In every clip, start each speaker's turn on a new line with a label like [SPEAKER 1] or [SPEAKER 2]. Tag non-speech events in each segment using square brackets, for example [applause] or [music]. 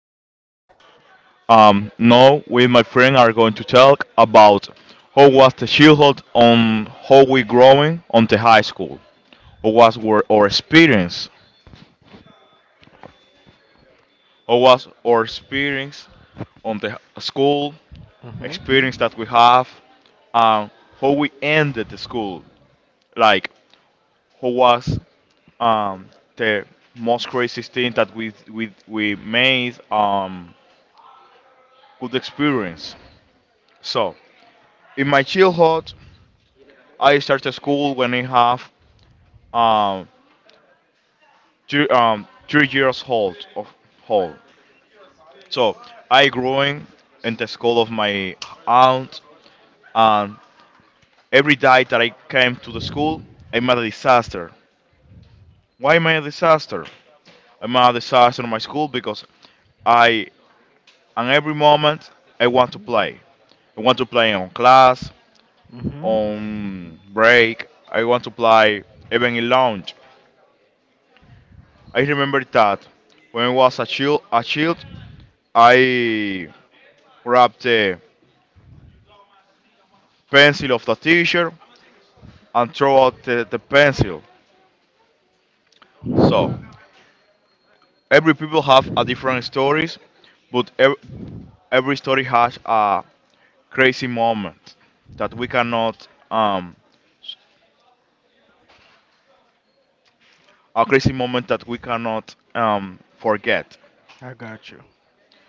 [SPEAKER 1] Henry. Now we and my friend are going to talk about how was the childhood on how we growing on the high school. How was our experience? How was our experience on the school
[SPEAKER 2] Mhm.
[SPEAKER 1] experience that we have? Um, how we ended the school? Like how was um, the most crazy thing that we made good experience. So in my childhood, I started school when I have um, two, 3 years old. Of, old. So I growing in the school of my aunt, and every day that I came to the school, I'm a disaster. Why am I a disaster? I'm a disaster in my school because I, on every moment, I want to play. I want to play on class,
[SPEAKER 2] Mhm.
[SPEAKER 1] on break. I want to play even in lounge. I remember that when I was a child, I grabbed the pencil of the teacher and throw out the pencil. So every people have a different stories, but every story has crazy moment that we cannot um a crazy moment that we cannot forget.
[SPEAKER 2] I got you.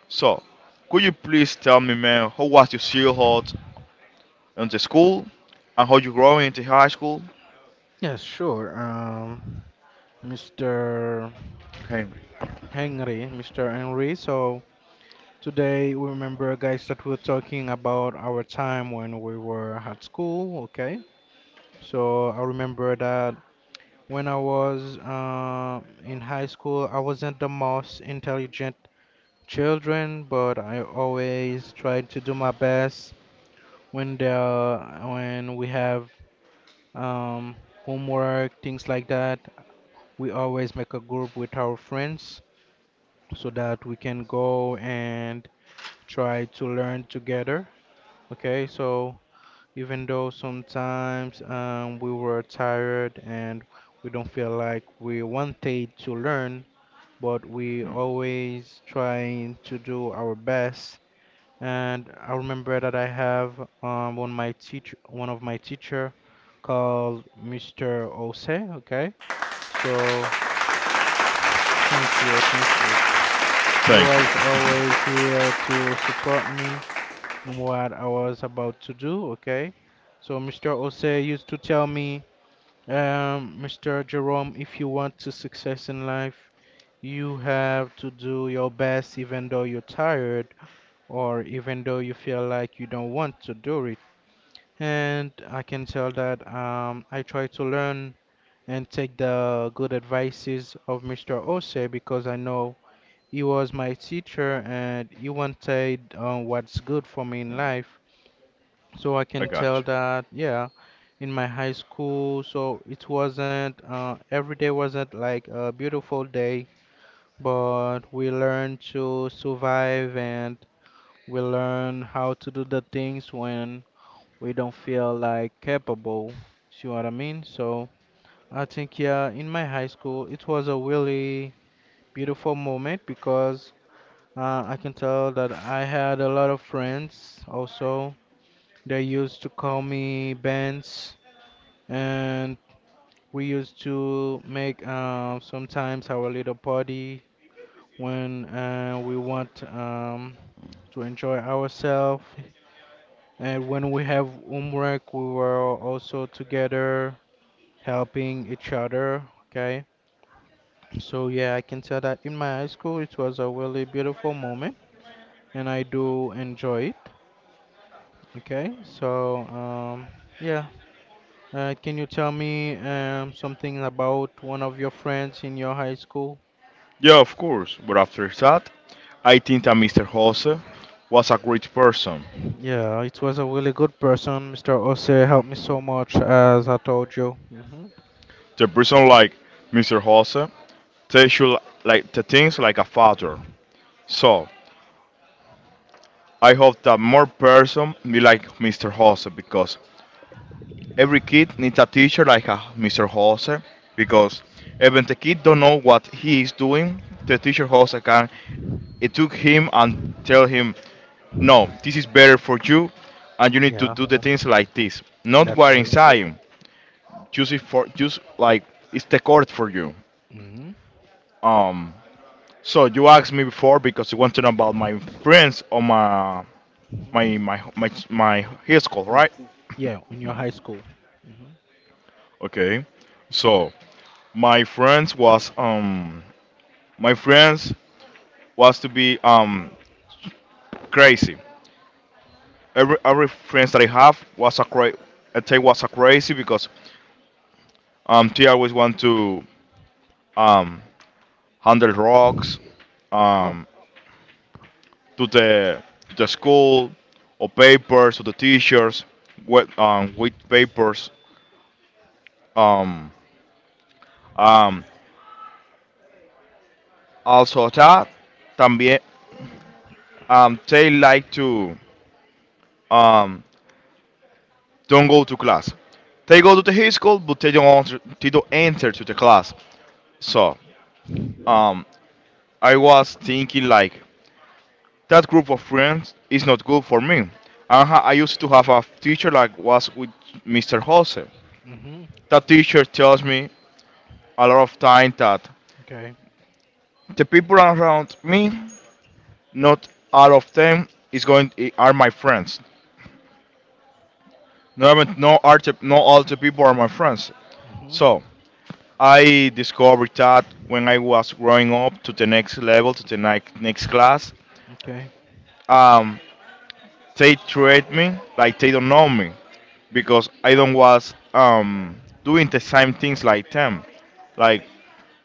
[SPEAKER 1] So could you please tell me, man, how was your childhood in the school and how you growing into high school?
[SPEAKER 2] Yes, sure. Mr.
[SPEAKER 1] Henry.
[SPEAKER 2] Henry, Mr. Henry. So today, we remember, guys, that we're talking about our time when we were at school. Okay. So I remember that when I was in high school, I wasn't the most intelligent children, but I always tried to do my best when there when we have um, homework, things like that. We always make a group with our friends so that we can go and try to learn together. Okay, so even though sometimes we were tired and we don't feel like we wanted to learn, but we always trying to do our best. And I remember that I have one of my teacher called Mr. Ose, okay? So thank you, thank you. You
[SPEAKER 1] Thank
[SPEAKER 2] was
[SPEAKER 1] you. [laughs]
[SPEAKER 2] always here to support me in what I was about to do, okay? So Mr. Ose used to tell me, Mr. Jerome, if you want to success in life, you have to do your best even though you're tired or even though you feel like you don't want to do it. And I can tell that I try to learn and take the good advices of Mr. Ose because I know he was my teacher and he wanted what's good for me in life. So I
[SPEAKER 1] I
[SPEAKER 2] can
[SPEAKER 1] got
[SPEAKER 2] tell
[SPEAKER 1] you.
[SPEAKER 2] that, yeah, in my high school, so it wasn't, every day wasn't like a beautiful day, but we learned to survive and we learn how to do the things when we don't feel like capable. See what I mean? So I think, yeah, in my high school, it was a really beautiful moment because I can tell that I had a lot of friends also. They used to call me Benz, and we used to make sometimes our little party when we want to enjoy ourselves. And when we have homework, we were also together helping each other. Okay, so yeah, I can tell that in my high school it was a really beautiful moment, and I do enjoy it. Okay, so yeah, can you tell me something about one of your friends in your high school?
[SPEAKER 1] Yeah, of course. But after that, I think that Mr. Jose was a great person.
[SPEAKER 2] Yeah, it was a really good person. Mr. Ose helped me so much, as I told you. Hmm.
[SPEAKER 1] The person like Mr. Jose, they should like the things like a father. So I hope that more person be like Mr. Jose because every kid needs a teacher like a Mr. Jose
[SPEAKER 2] Hmm.
[SPEAKER 1] because even the kid don't know what he is doing, the teacher Jose can it took him and tell him, no, this is better for you, and you need to
[SPEAKER 2] Yeah,
[SPEAKER 1] do the things like this. Not
[SPEAKER 2] that's
[SPEAKER 1] what
[SPEAKER 2] true.
[SPEAKER 1] inside. Choose it for choose like it's the court for you.
[SPEAKER 2] Hmm.
[SPEAKER 1] Um. So you asked me before because you want to know about my friends or my
[SPEAKER 2] Hmm.
[SPEAKER 1] my my my my high school,
[SPEAKER 2] One.
[SPEAKER 1] right?
[SPEAKER 2] Yeah, in your high school. Hmm.
[SPEAKER 1] Okay. So my friends was um my friends was to be crazy. Every friends that I have was I think was a crazy because they always want to um handle rocks
[SPEAKER 2] Oh.
[SPEAKER 1] um, to the school or papers to the teachers with papers um, um, also that también, they like to um, don't go to class, they go to the high school but they don't answer, they don't enter to the class, so um, I was thinking like that group of friends is not good for me. And I used to have a teacher like was with Mr. Jose.
[SPEAKER 2] Hmm.
[SPEAKER 1] That teacher tells me a lot of time that
[SPEAKER 2] Okay.
[SPEAKER 1] the people around me, not all of them, is going are my friends. No, no, not all the people are my friends.
[SPEAKER 2] Hmm.
[SPEAKER 1] So I discovered that when I was growing up to the next level, to the next class,
[SPEAKER 2] Okay.
[SPEAKER 1] um, they treat me like they don't know me because I don't was doing the same things like them, like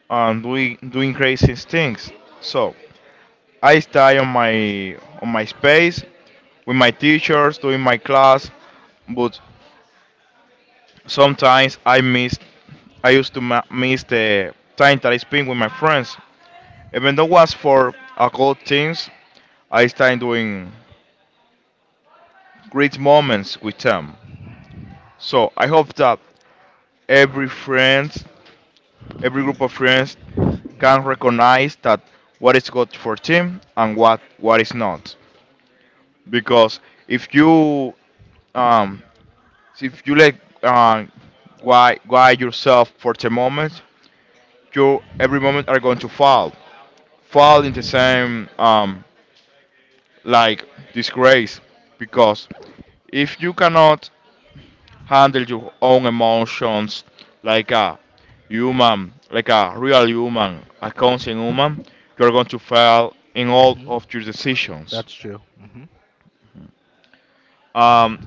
[SPEAKER 1] doing crazy things. So I stay on my space with my teachers doing my class, but sometimes I miss. I used to miss the time that I spend with my friends. Even though it was for a good things, I start doing great moments with them. So I hope that every friend, every group of friends, can recognize that what is good for team and what is not. Because if you um, if you let uh, guide yourself for the moment, you every moment are going to fall in the same like disgrace, because if you cannot handle your own emotions like a human, like a real human, a conscious human, you are going to fail in all
[SPEAKER 2] Hmm.
[SPEAKER 1] of your decisions.
[SPEAKER 2] That's true. Hmm.
[SPEAKER 1] Um,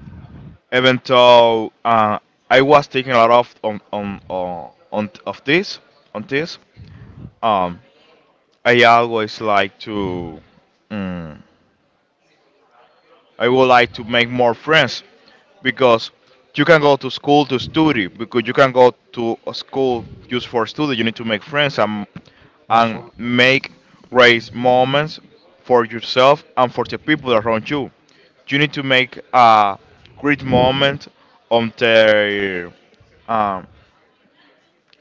[SPEAKER 1] even though I was taking a lot of on of this on this. Um, I always like to. mm, I would like to make more friends because you can go to school to study, because you can go to a school just for study. You need to make friends and
[SPEAKER 2] Also.
[SPEAKER 1] and make great moments for yourself and for the people around you. You need to make a great moment on their um,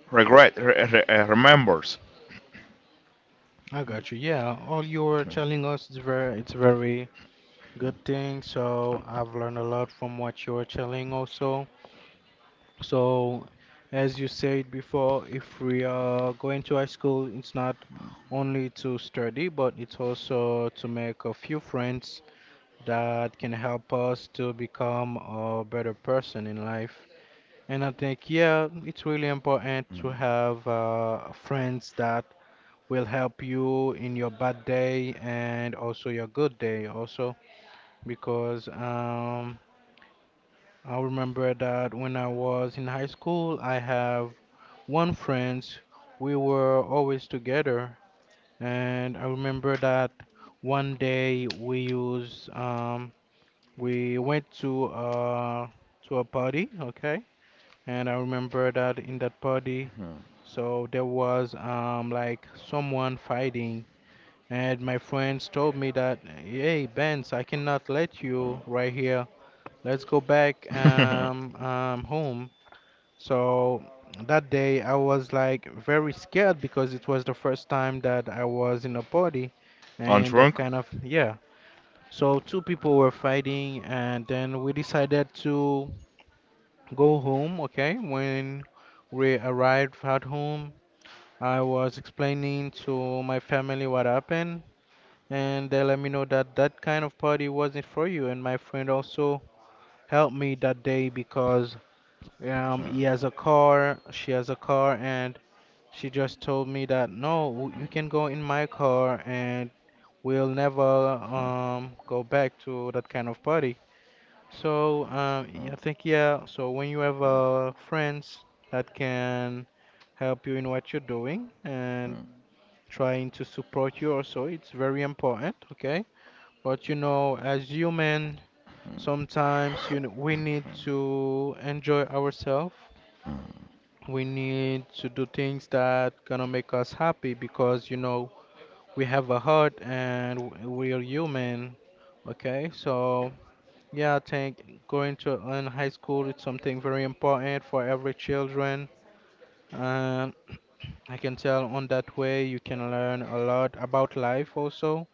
[SPEAKER 1] remembers.
[SPEAKER 2] I got you. Yeah, all you're telling us is very, it's very good thing. So I've learned a lot from what you're telling also. So as you said before, if we are going to high school, it's not only to study, but it's also to make a few friends that can help us to become a better person in life. And I think, yeah, it's really important to have friends that will help you in your bad day and also your good day, also. Because I remember that when I was in high school, I have one friend, we were always together. And I remember that one day we went to a party, okay? And I remember that in that party, so there was like someone fighting, and my friends told me that, "Hey Benz, I cannot let you right here. Let's go back
[SPEAKER 1] [laughs]
[SPEAKER 2] home." So that day I was like very scared because it was the first time that I was in a party,
[SPEAKER 1] On
[SPEAKER 2] and that
[SPEAKER 1] drunk,
[SPEAKER 2] kind of yeah. So two people were fighting, and then we decided to go home. Okay, when we arrived at home, I was explaining to my family what happened, and they let me know that that kind of party wasn't for you. And my friend also helped me that day because he has a car, she has a car, and she just told me that no, you can go in my car, and we'll never go back to that kind of party. So yeah, I think yeah. So when you have friends that can help you in what you're doing and trying to support you also, it's very important. Okay, but you know, as human sometimes, you know, we need to enjoy ourselves, we need to do things that gonna make us happy because, you know, we have a heart and we are human. Okay, so yeah, I think going to an high school is something very important for every children and [clears throat] I can tell on that way you can learn a lot about life also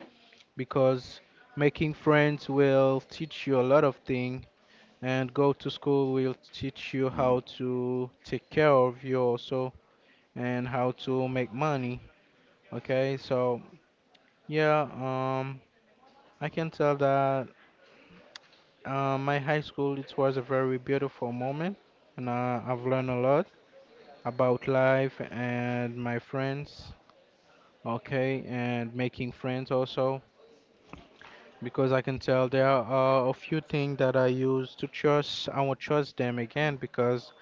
[SPEAKER 2] because making friends will teach you a lot of things and go to school will teach you how to take care of you also and how to make money. Okay, so yeah, I can tell that my high school it was a very beautiful moment and I've learned a lot about life and my friends. Okay, and making friends also because I can tell there are a few things that I use to trust. I won't trust them again because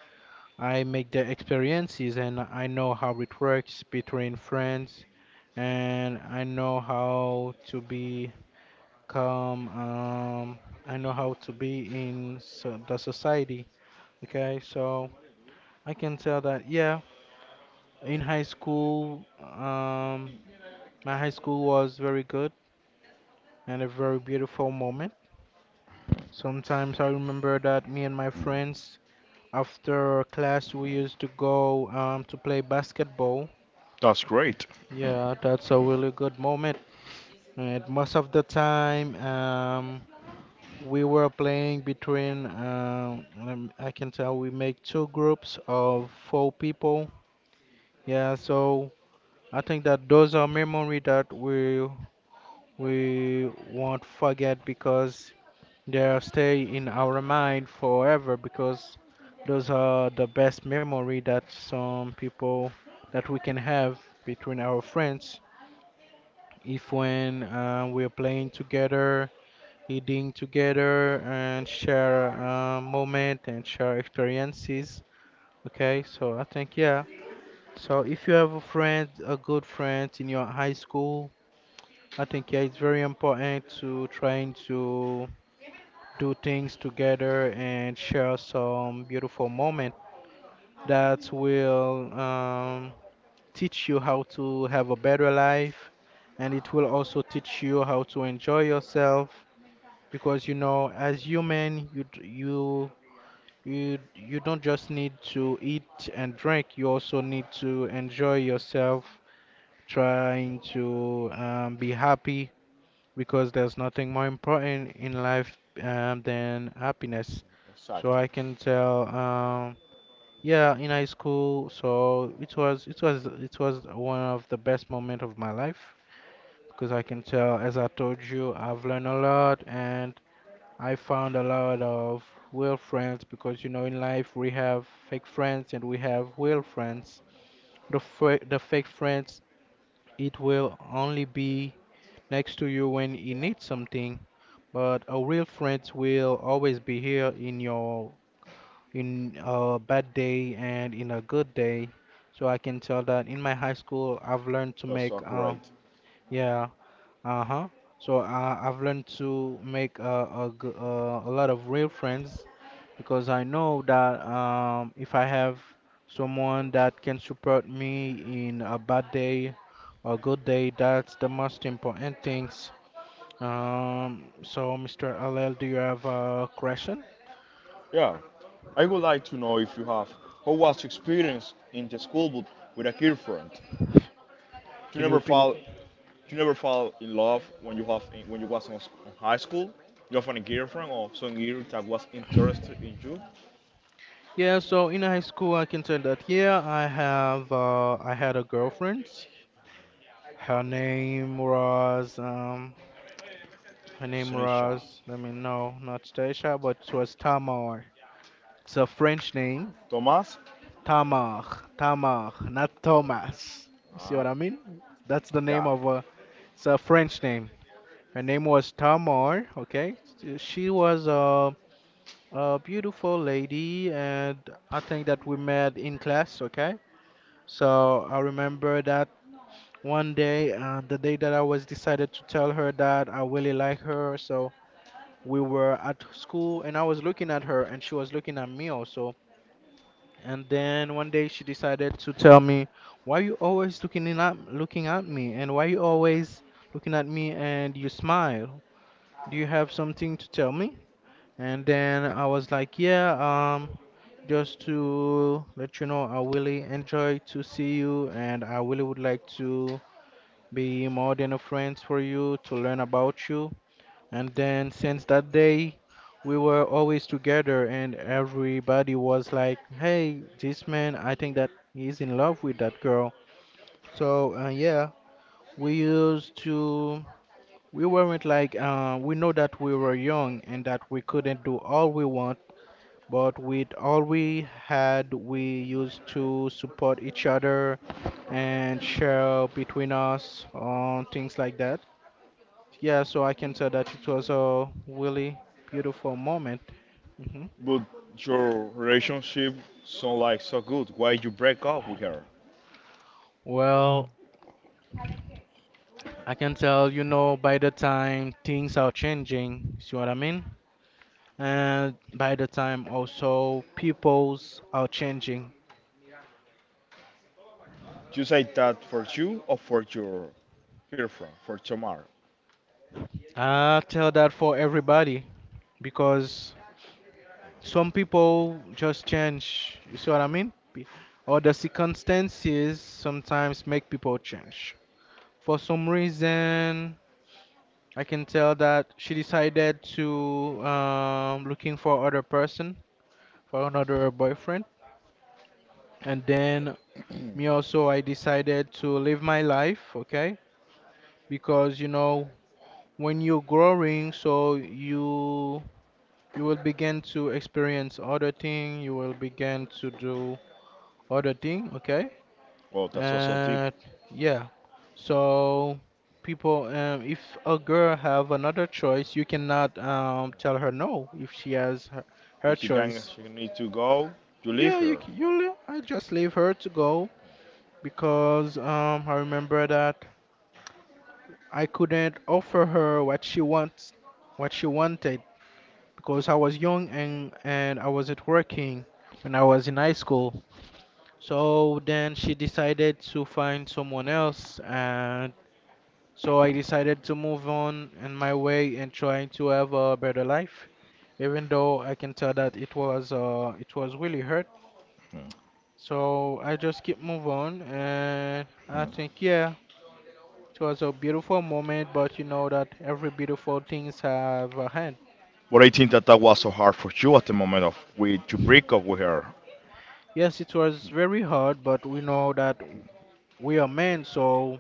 [SPEAKER 2] I make their experiences and I know how it works between friends, and I know how to be calm. I know how to be in so the society. Okay, so I can tell that yeah, in high school, my high school was very good and a very beautiful moment. Sometimes I remember that me and my friends, after class, we used to go to play basketball.
[SPEAKER 1] that's great.
[SPEAKER 2] Yeah, that's a really good moment. And most of the time, we were playing between, I can tell we make two groups of four people. Yeah, so I think that those are memory that we won't forget because they'll stay in our mind forever because those are the best memory that some people that we can have between our friends. If when we're playing together, eating together, and share moment and share experiences. Okay, so I think yeah. So if you have a friend, a good friend in your high school, I think yeah, it's very important to trying to do things together and share some beautiful moment that will teach you how to have a better life and it will also teach you how to enjoy yourself because you know as human you don't just need to eat and drink, you also need to enjoy yourself, trying to be happy because there's nothing more important in life than happiness. So I
[SPEAKER 1] Exactly.
[SPEAKER 2] can tell, yeah, in high school, so it was it was one of the best moment of my life because I can tell, as I told you, I've learned a lot and I found a lot of real friends because you know in life we have fake friends and we have real friends. The fake friends, it will only be next to you when you need something but a real friend will always be here in your in a bad day and in a good day. So I can tell that in my high school, I've learned to
[SPEAKER 1] That's
[SPEAKER 2] make
[SPEAKER 1] accurate.
[SPEAKER 2] yeah, uh-huh. So I've learned to make a lot of real friends because I know that if I have someone that can support me in a bad day or good day, that's the most important things. So, Mr. LL, do you have a question?
[SPEAKER 1] Yeah. I would like to know, if you have how was your experience in the school but with a girlfriend? You
[SPEAKER 2] Can you
[SPEAKER 1] never
[SPEAKER 2] repeat?
[SPEAKER 1] fall, in love when you have when you was in in high school? You have a girlfriend or some girl that was interested in you?
[SPEAKER 2] Yeah, so in high school, I can tell that, yeah, I had a girlfriend. Her name was,
[SPEAKER 1] Sinisha.
[SPEAKER 2] let me know, not Stasia, but it was Tamar. It's a French name.
[SPEAKER 1] Thomas?
[SPEAKER 2] Tamar, Tamar, not Thomas. You see what
[SPEAKER 1] Ah.
[SPEAKER 2] I mean? That's the name
[SPEAKER 1] Yeah.
[SPEAKER 2] of a, it's a French name. Her name was Tamar, okay? She was, a. A beautiful lady, and I think that we met in class, okay? So I remember that one day, the day that I was decided to tell her that I really like her. So we were at school, and I was looking at her, and she was looking at me also. And then one day she decided to tell me, "Why you always looking at me, and why you always looking at me and you smile? Do you have something to tell me?" And then I was like, yeah, just to let you know, I really enjoy to see you, and I really would like to be more than a friend for you to learn about you. And then since that day, we were always together, and everybody was like, "Hey, this man, I think that he's in love with that girl." So, yeah, we used to. We weren't like, we know that we were young and that we couldn't do all we want, but with all we had, we used to support each other and share between us on things like that. Yeah, so I can tell that it was a really beautiful moment. hmm
[SPEAKER 1] But your relationship sound like so good. Why you break up with her?
[SPEAKER 2] Well, I can tell, you know, by the time things are changing, see what I mean? And by the time also peoples are changing.
[SPEAKER 1] You say that for you or for your girlfriend, for Tamar?
[SPEAKER 2] I tell that for everybody because some people just change. You see what I mean? Or the circumstances sometimes make people change. For some reason, I can tell that she decided to looking for other person, for another boyfriend, and then me also I decided to live my life, okay? Because you know when you're growing, so you will begin to experience other thing, you will begin to do other thing, okay?
[SPEAKER 1] Well, that's also deep.
[SPEAKER 2] And yeah, so people, if a girl have another choice, you cannot tell her no if she has her, her
[SPEAKER 1] If she can,
[SPEAKER 2] choice.
[SPEAKER 1] she need to go, you leave
[SPEAKER 2] Yeah, you
[SPEAKER 1] her.
[SPEAKER 2] c- you le- I just leave her to go because I remember that I couldn't offer her what she wants, what she wanted, because I was young, and I wasn't working when I was in high school. So then she decided to find someone else, and so I decided to move on in my way and trying to have a better life, even though I can tell that it was really hurt. So I just keep move on, and I think, yeah, it was a beautiful moment. But you know that every beautiful things have a hand.
[SPEAKER 1] But I think that that was so hard for you at the moment of we to break up with her.
[SPEAKER 2] Yes, it was very hard, but we know that we are men, so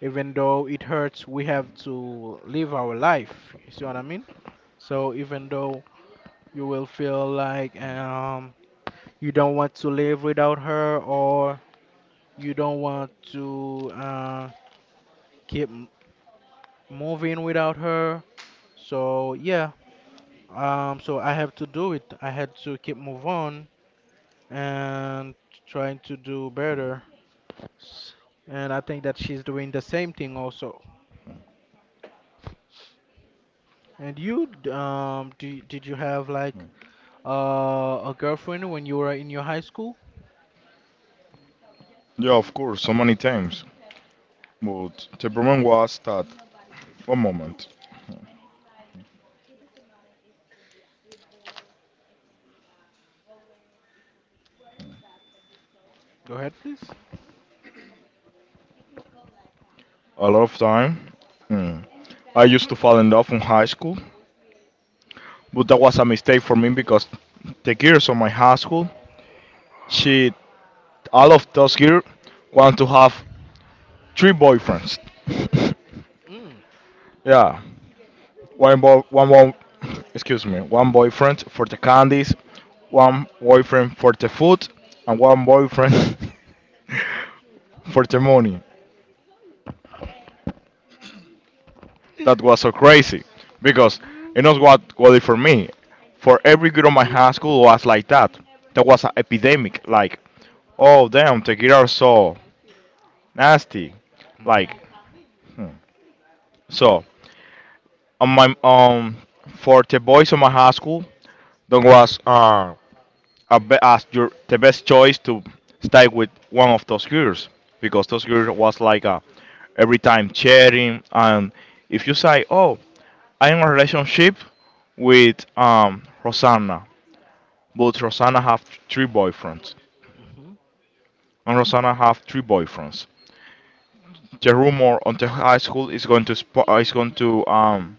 [SPEAKER 2] even though it hurts, we have to live our life. You see what I mean? So even though you will feel like you don't want to live without her, or you don't want to keep m- moving without her. So yeah, so I have to do it, I had to keep move on and trying to do better. S- and I think that she's doing the same thing also. And did you have like a girlfriend when you were in your high school?
[SPEAKER 1] Yeah, of course, so many times. But the problem was that one moment,
[SPEAKER 2] Go ahead, please.
[SPEAKER 1] a lot of time. hmm, I used to fall in love in high school, but that was a mistake for me because the girls of my high school, she, all of those girls, want to have three boyfriends.
[SPEAKER 2] Mm.
[SPEAKER 1] [laughs] Yeah, one boy, one boy, [clears throat] excuse me, one boyfriend for the candies, one boyfriend for the food, and one boyfriend [laughs] for the money. That was so crazy because it knows what was it for me. For every girl in my high school was like that. That was an epidemic. Like, oh damn, the girls are so nasty. Like,
[SPEAKER 2] Hmm.
[SPEAKER 1] so on my for the boys in my high school, that was as your the best choice to stay with one of those girls because those girls was like a, every time chatting, and if you say, oh, I'm in a relationship with Rosanna but Rosanna have three boyfriends,
[SPEAKER 2] Hmm.
[SPEAKER 1] and Rosanna have three boyfriends, the rumor on the high school is going to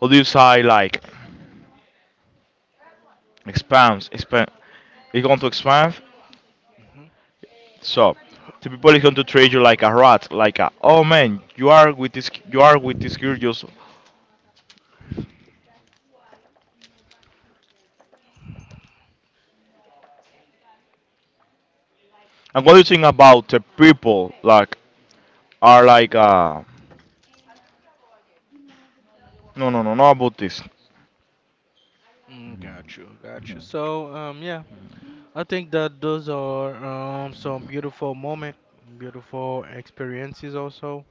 [SPEAKER 1] how do you say, like, expand, it's going to expand.
[SPEAKER 2] Hmm.
[SPEAKER 1] So the people is going to treat you like a rat, like, a oh man, you are with this, you are with this girl. Just, and what do you think about the people like are like no, no, no, no about this.
[SPEAKER 2] Mm, got you, got you. So, yeah, I think that those are some beautiful moment, beautiful experiences also,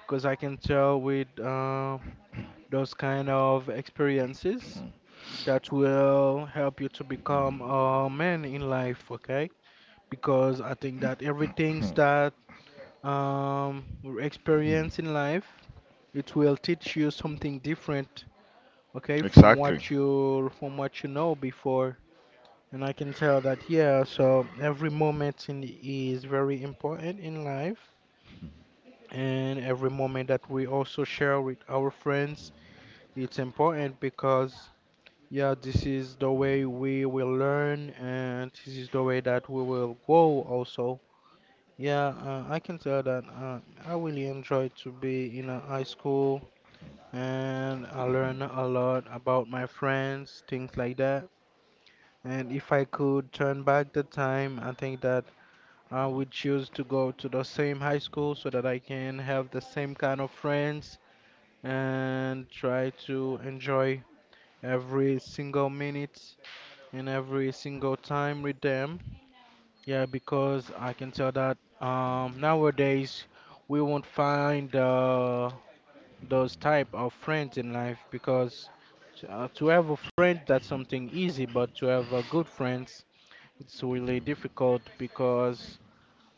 [SPEAKER 2] because I can tell with those kind of experiences that will help you to become a man in life, okay? Because I think that everything that, we experience in life, it will teach you something different, okay,
[SPEAKER 1] Exactly,
[SPEAKER 2] from what you know before. And I can tell that, yeah, so every moment in is very important in life. And every moment that we also share with our friends, it's important because, yeah, this is the way we will learn, and this is the way that we will grow also. Yeah, I can tell that, I really enjoyed to be in a high school, and I learned a lot about my friends, things like that. And if I could turn back the time, I think that I would choose to go to the same high school so that I can have the same kind of friends and try to enjoy every single minute and every single time with them. Yeah, because I can tell that, nowadays we won't find those type of friends in life, because to have a friend that's something easy, but to have a good friends, it's really difficult, because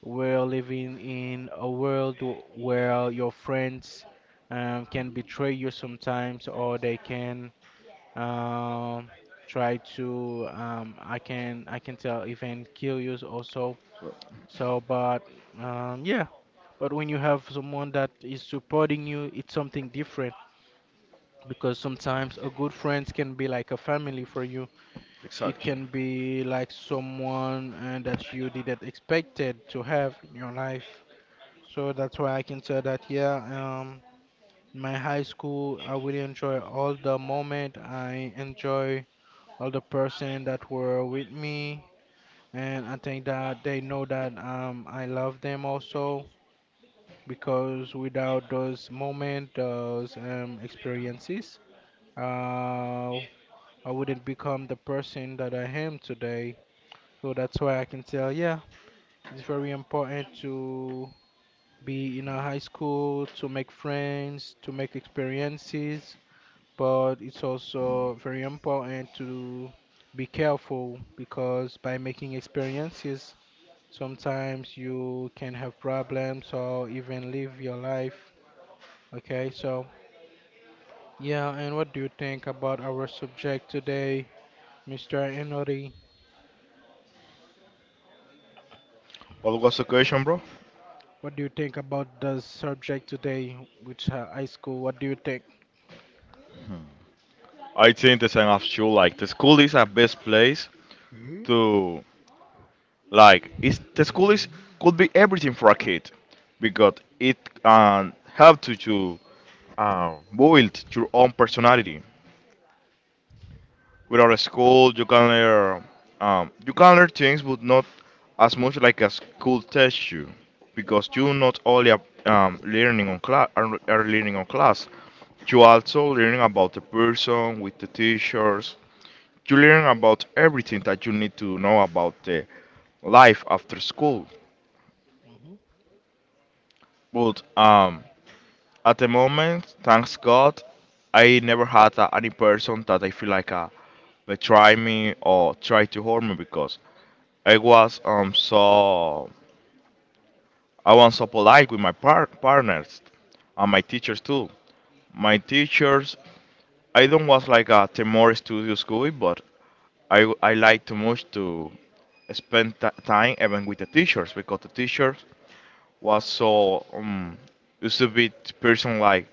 [SPEAKER 2] we're living in a world where your friends can betray you sometimes, or they can, um, try to, I can tell even kill you also. But yeah, but when you have someone that is supporting you, it's something different because sometimes a good friend can be like a family for you. It
[SPEAKER 1] exactly.
[SPEAKER 2] can be like someone, that you didn't expected to have in your life. So that's why I can say that, yeah, my high school I really enjoy all the moment. I enjoy all the person that were with me, and I think that they know that I love them also, because without those moment, those experiences, uh, I wouldn't become the person that I am today. So that's why I can tell, yeah, it's very important to be in a high school, to make friends, to make experiences, but it's also very important to be careful, because by making experiences, sometimes you can have problems or even live your life. Okay, so yeah, and what do you think about our subject today, Mr. Enori?
[SPEAKER 1] What was the question, bro?
[SPEAKER 2] What do you think about the subject today, which high school? What do you think?
[SPEAKER 1] I think the same as you. Like the school is a best place
[SPEAKER 2] Mhm.
[SPEAKER 1] to, like, it's, the school is
[SPEAKER 2] Mhm.
[SPEAKER 1] could be everything for a kid because it help you to build your own personality. Without a school, you can learn things, but not as much like a school tests you, because you not only are learning on class, you also learning about the person with the teachers. You learn about everything that you need to know about the life after school.
[SPEAKER 2] Mhm.
[SPEAKER 1] But at the moment, thanks God, I never had any person that I feel like betray me or try to harm me because I was um so I was so polite with my partners and my teachers too. My teachers, I don't was like a Temor studio school, but I like too much to spend time even with the teachers, because the teachers was so used to be person like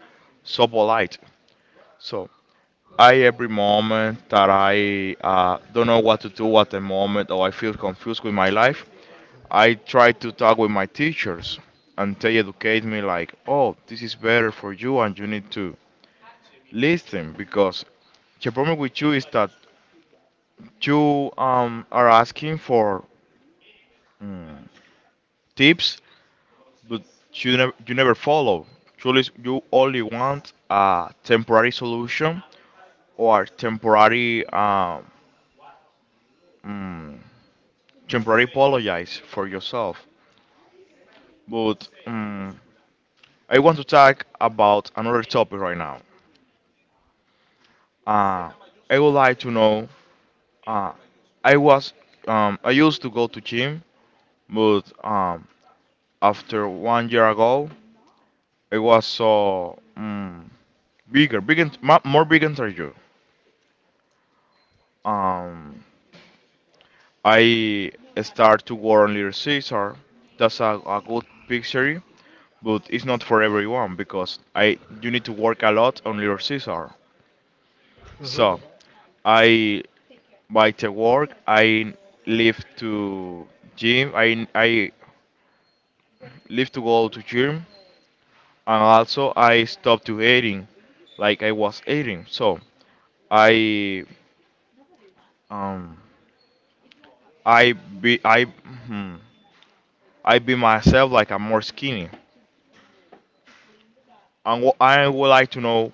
[SPEAKER 1] so polite. So I, every moment that I don't know what to do at the moment or I feel confused with my life, I try to talk with my teachers, and they educate me like, oh, this is better for you and you need to listen because the problem with you is that you are asking for mm, tips, but you never follow. Truly, you only want a temporary solution or temporary mm, temporary apologize for yourself. But I want to talk about another topic right now. Uh, I would like to know. Uh, I was I used to go to gym, but after one year ago, I was so more bigger than you. Um, I start to work on Little Caesar. That's a good picture, but it's not for everyone because I you need to work a lot on Little Caesar.
[SPEAKER 2] Uh-huh.
[SPEAKER 1] So I, by the work, I leave to gym. I leave to go to gym, and also I stopped to eating, like I was eating. So I um I be I hmm, I be myself like I'm more skinny. And what I would like to know,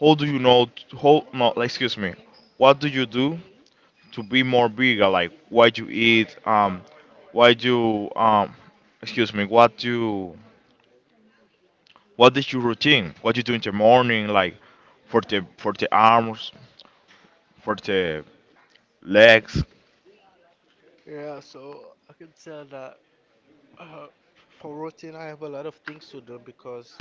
[SPEAKER 1] how do you know? How no, like, Excuse me, what do you do to be more bigger? Like what you eat, what you excuse me, what you, what is your routine? What you do in the morning, like for the arms, for the legs.
[SPEAKER 2] Yeah, so I can tell that, uh, for routine, I have a lot of things to do, because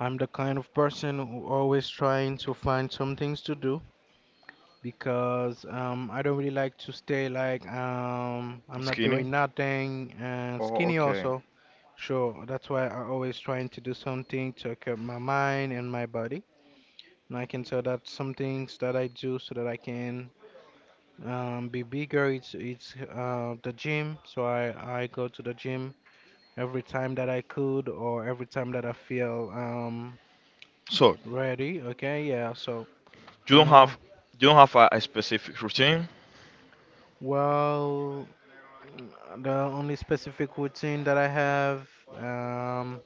[SPEAKER 2] I'm the kind of person who always trying to find some things to do, because I don't really like to stay like, I'm not
[SPEAKER 1] Skinny.
[SPEAKER 2] doing nothing and
[SPEAKER 1] Oh,
[SPEAKER 2] skinny
[SPEAKER 1] okay.
[SPEAKER 2] also. Sure, that's why I always trying to do something to keep my mind and my body. And I can tell that some things that I do so that I can, be bigger. It's the gym, so I go to the gym every time that I could or every time that I feel
[SPEAKER 1] So
[SPEAKER 2] ready. Okay, yeah. So,
[SPEAKER 1] you don't
[SPEAKER 2] uh,
[SPEAKER 1] have, you don't have a specific routine,
[SPEAKER 2] well, the only specific routine that I have um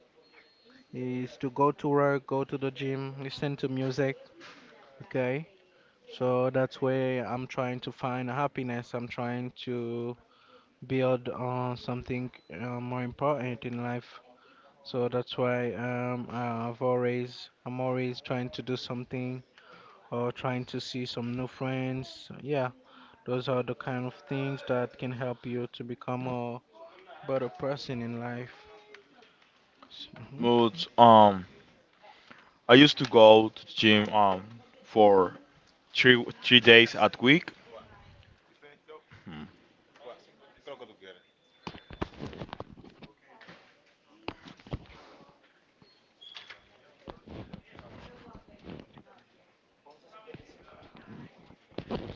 [SPEAKER 2] is to go to work, go to the gym, listen to music. Okay. So that's where I'm trying to find happiness. I'm trying to build on something, more important in life. So that's why I'm always trying to do something or trying to see some new friends. Yeah, those are the kind of things that can help you to become a better person in life. hmm
[SPEAKER 1] but I used to go to the gym for three days at week. Hmm.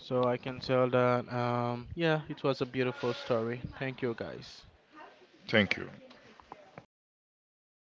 [SPEAKER 2] So I can tell that, yeah, it was a beautiful story. Thank you, guys.
[SPEAKER 1] Thank you.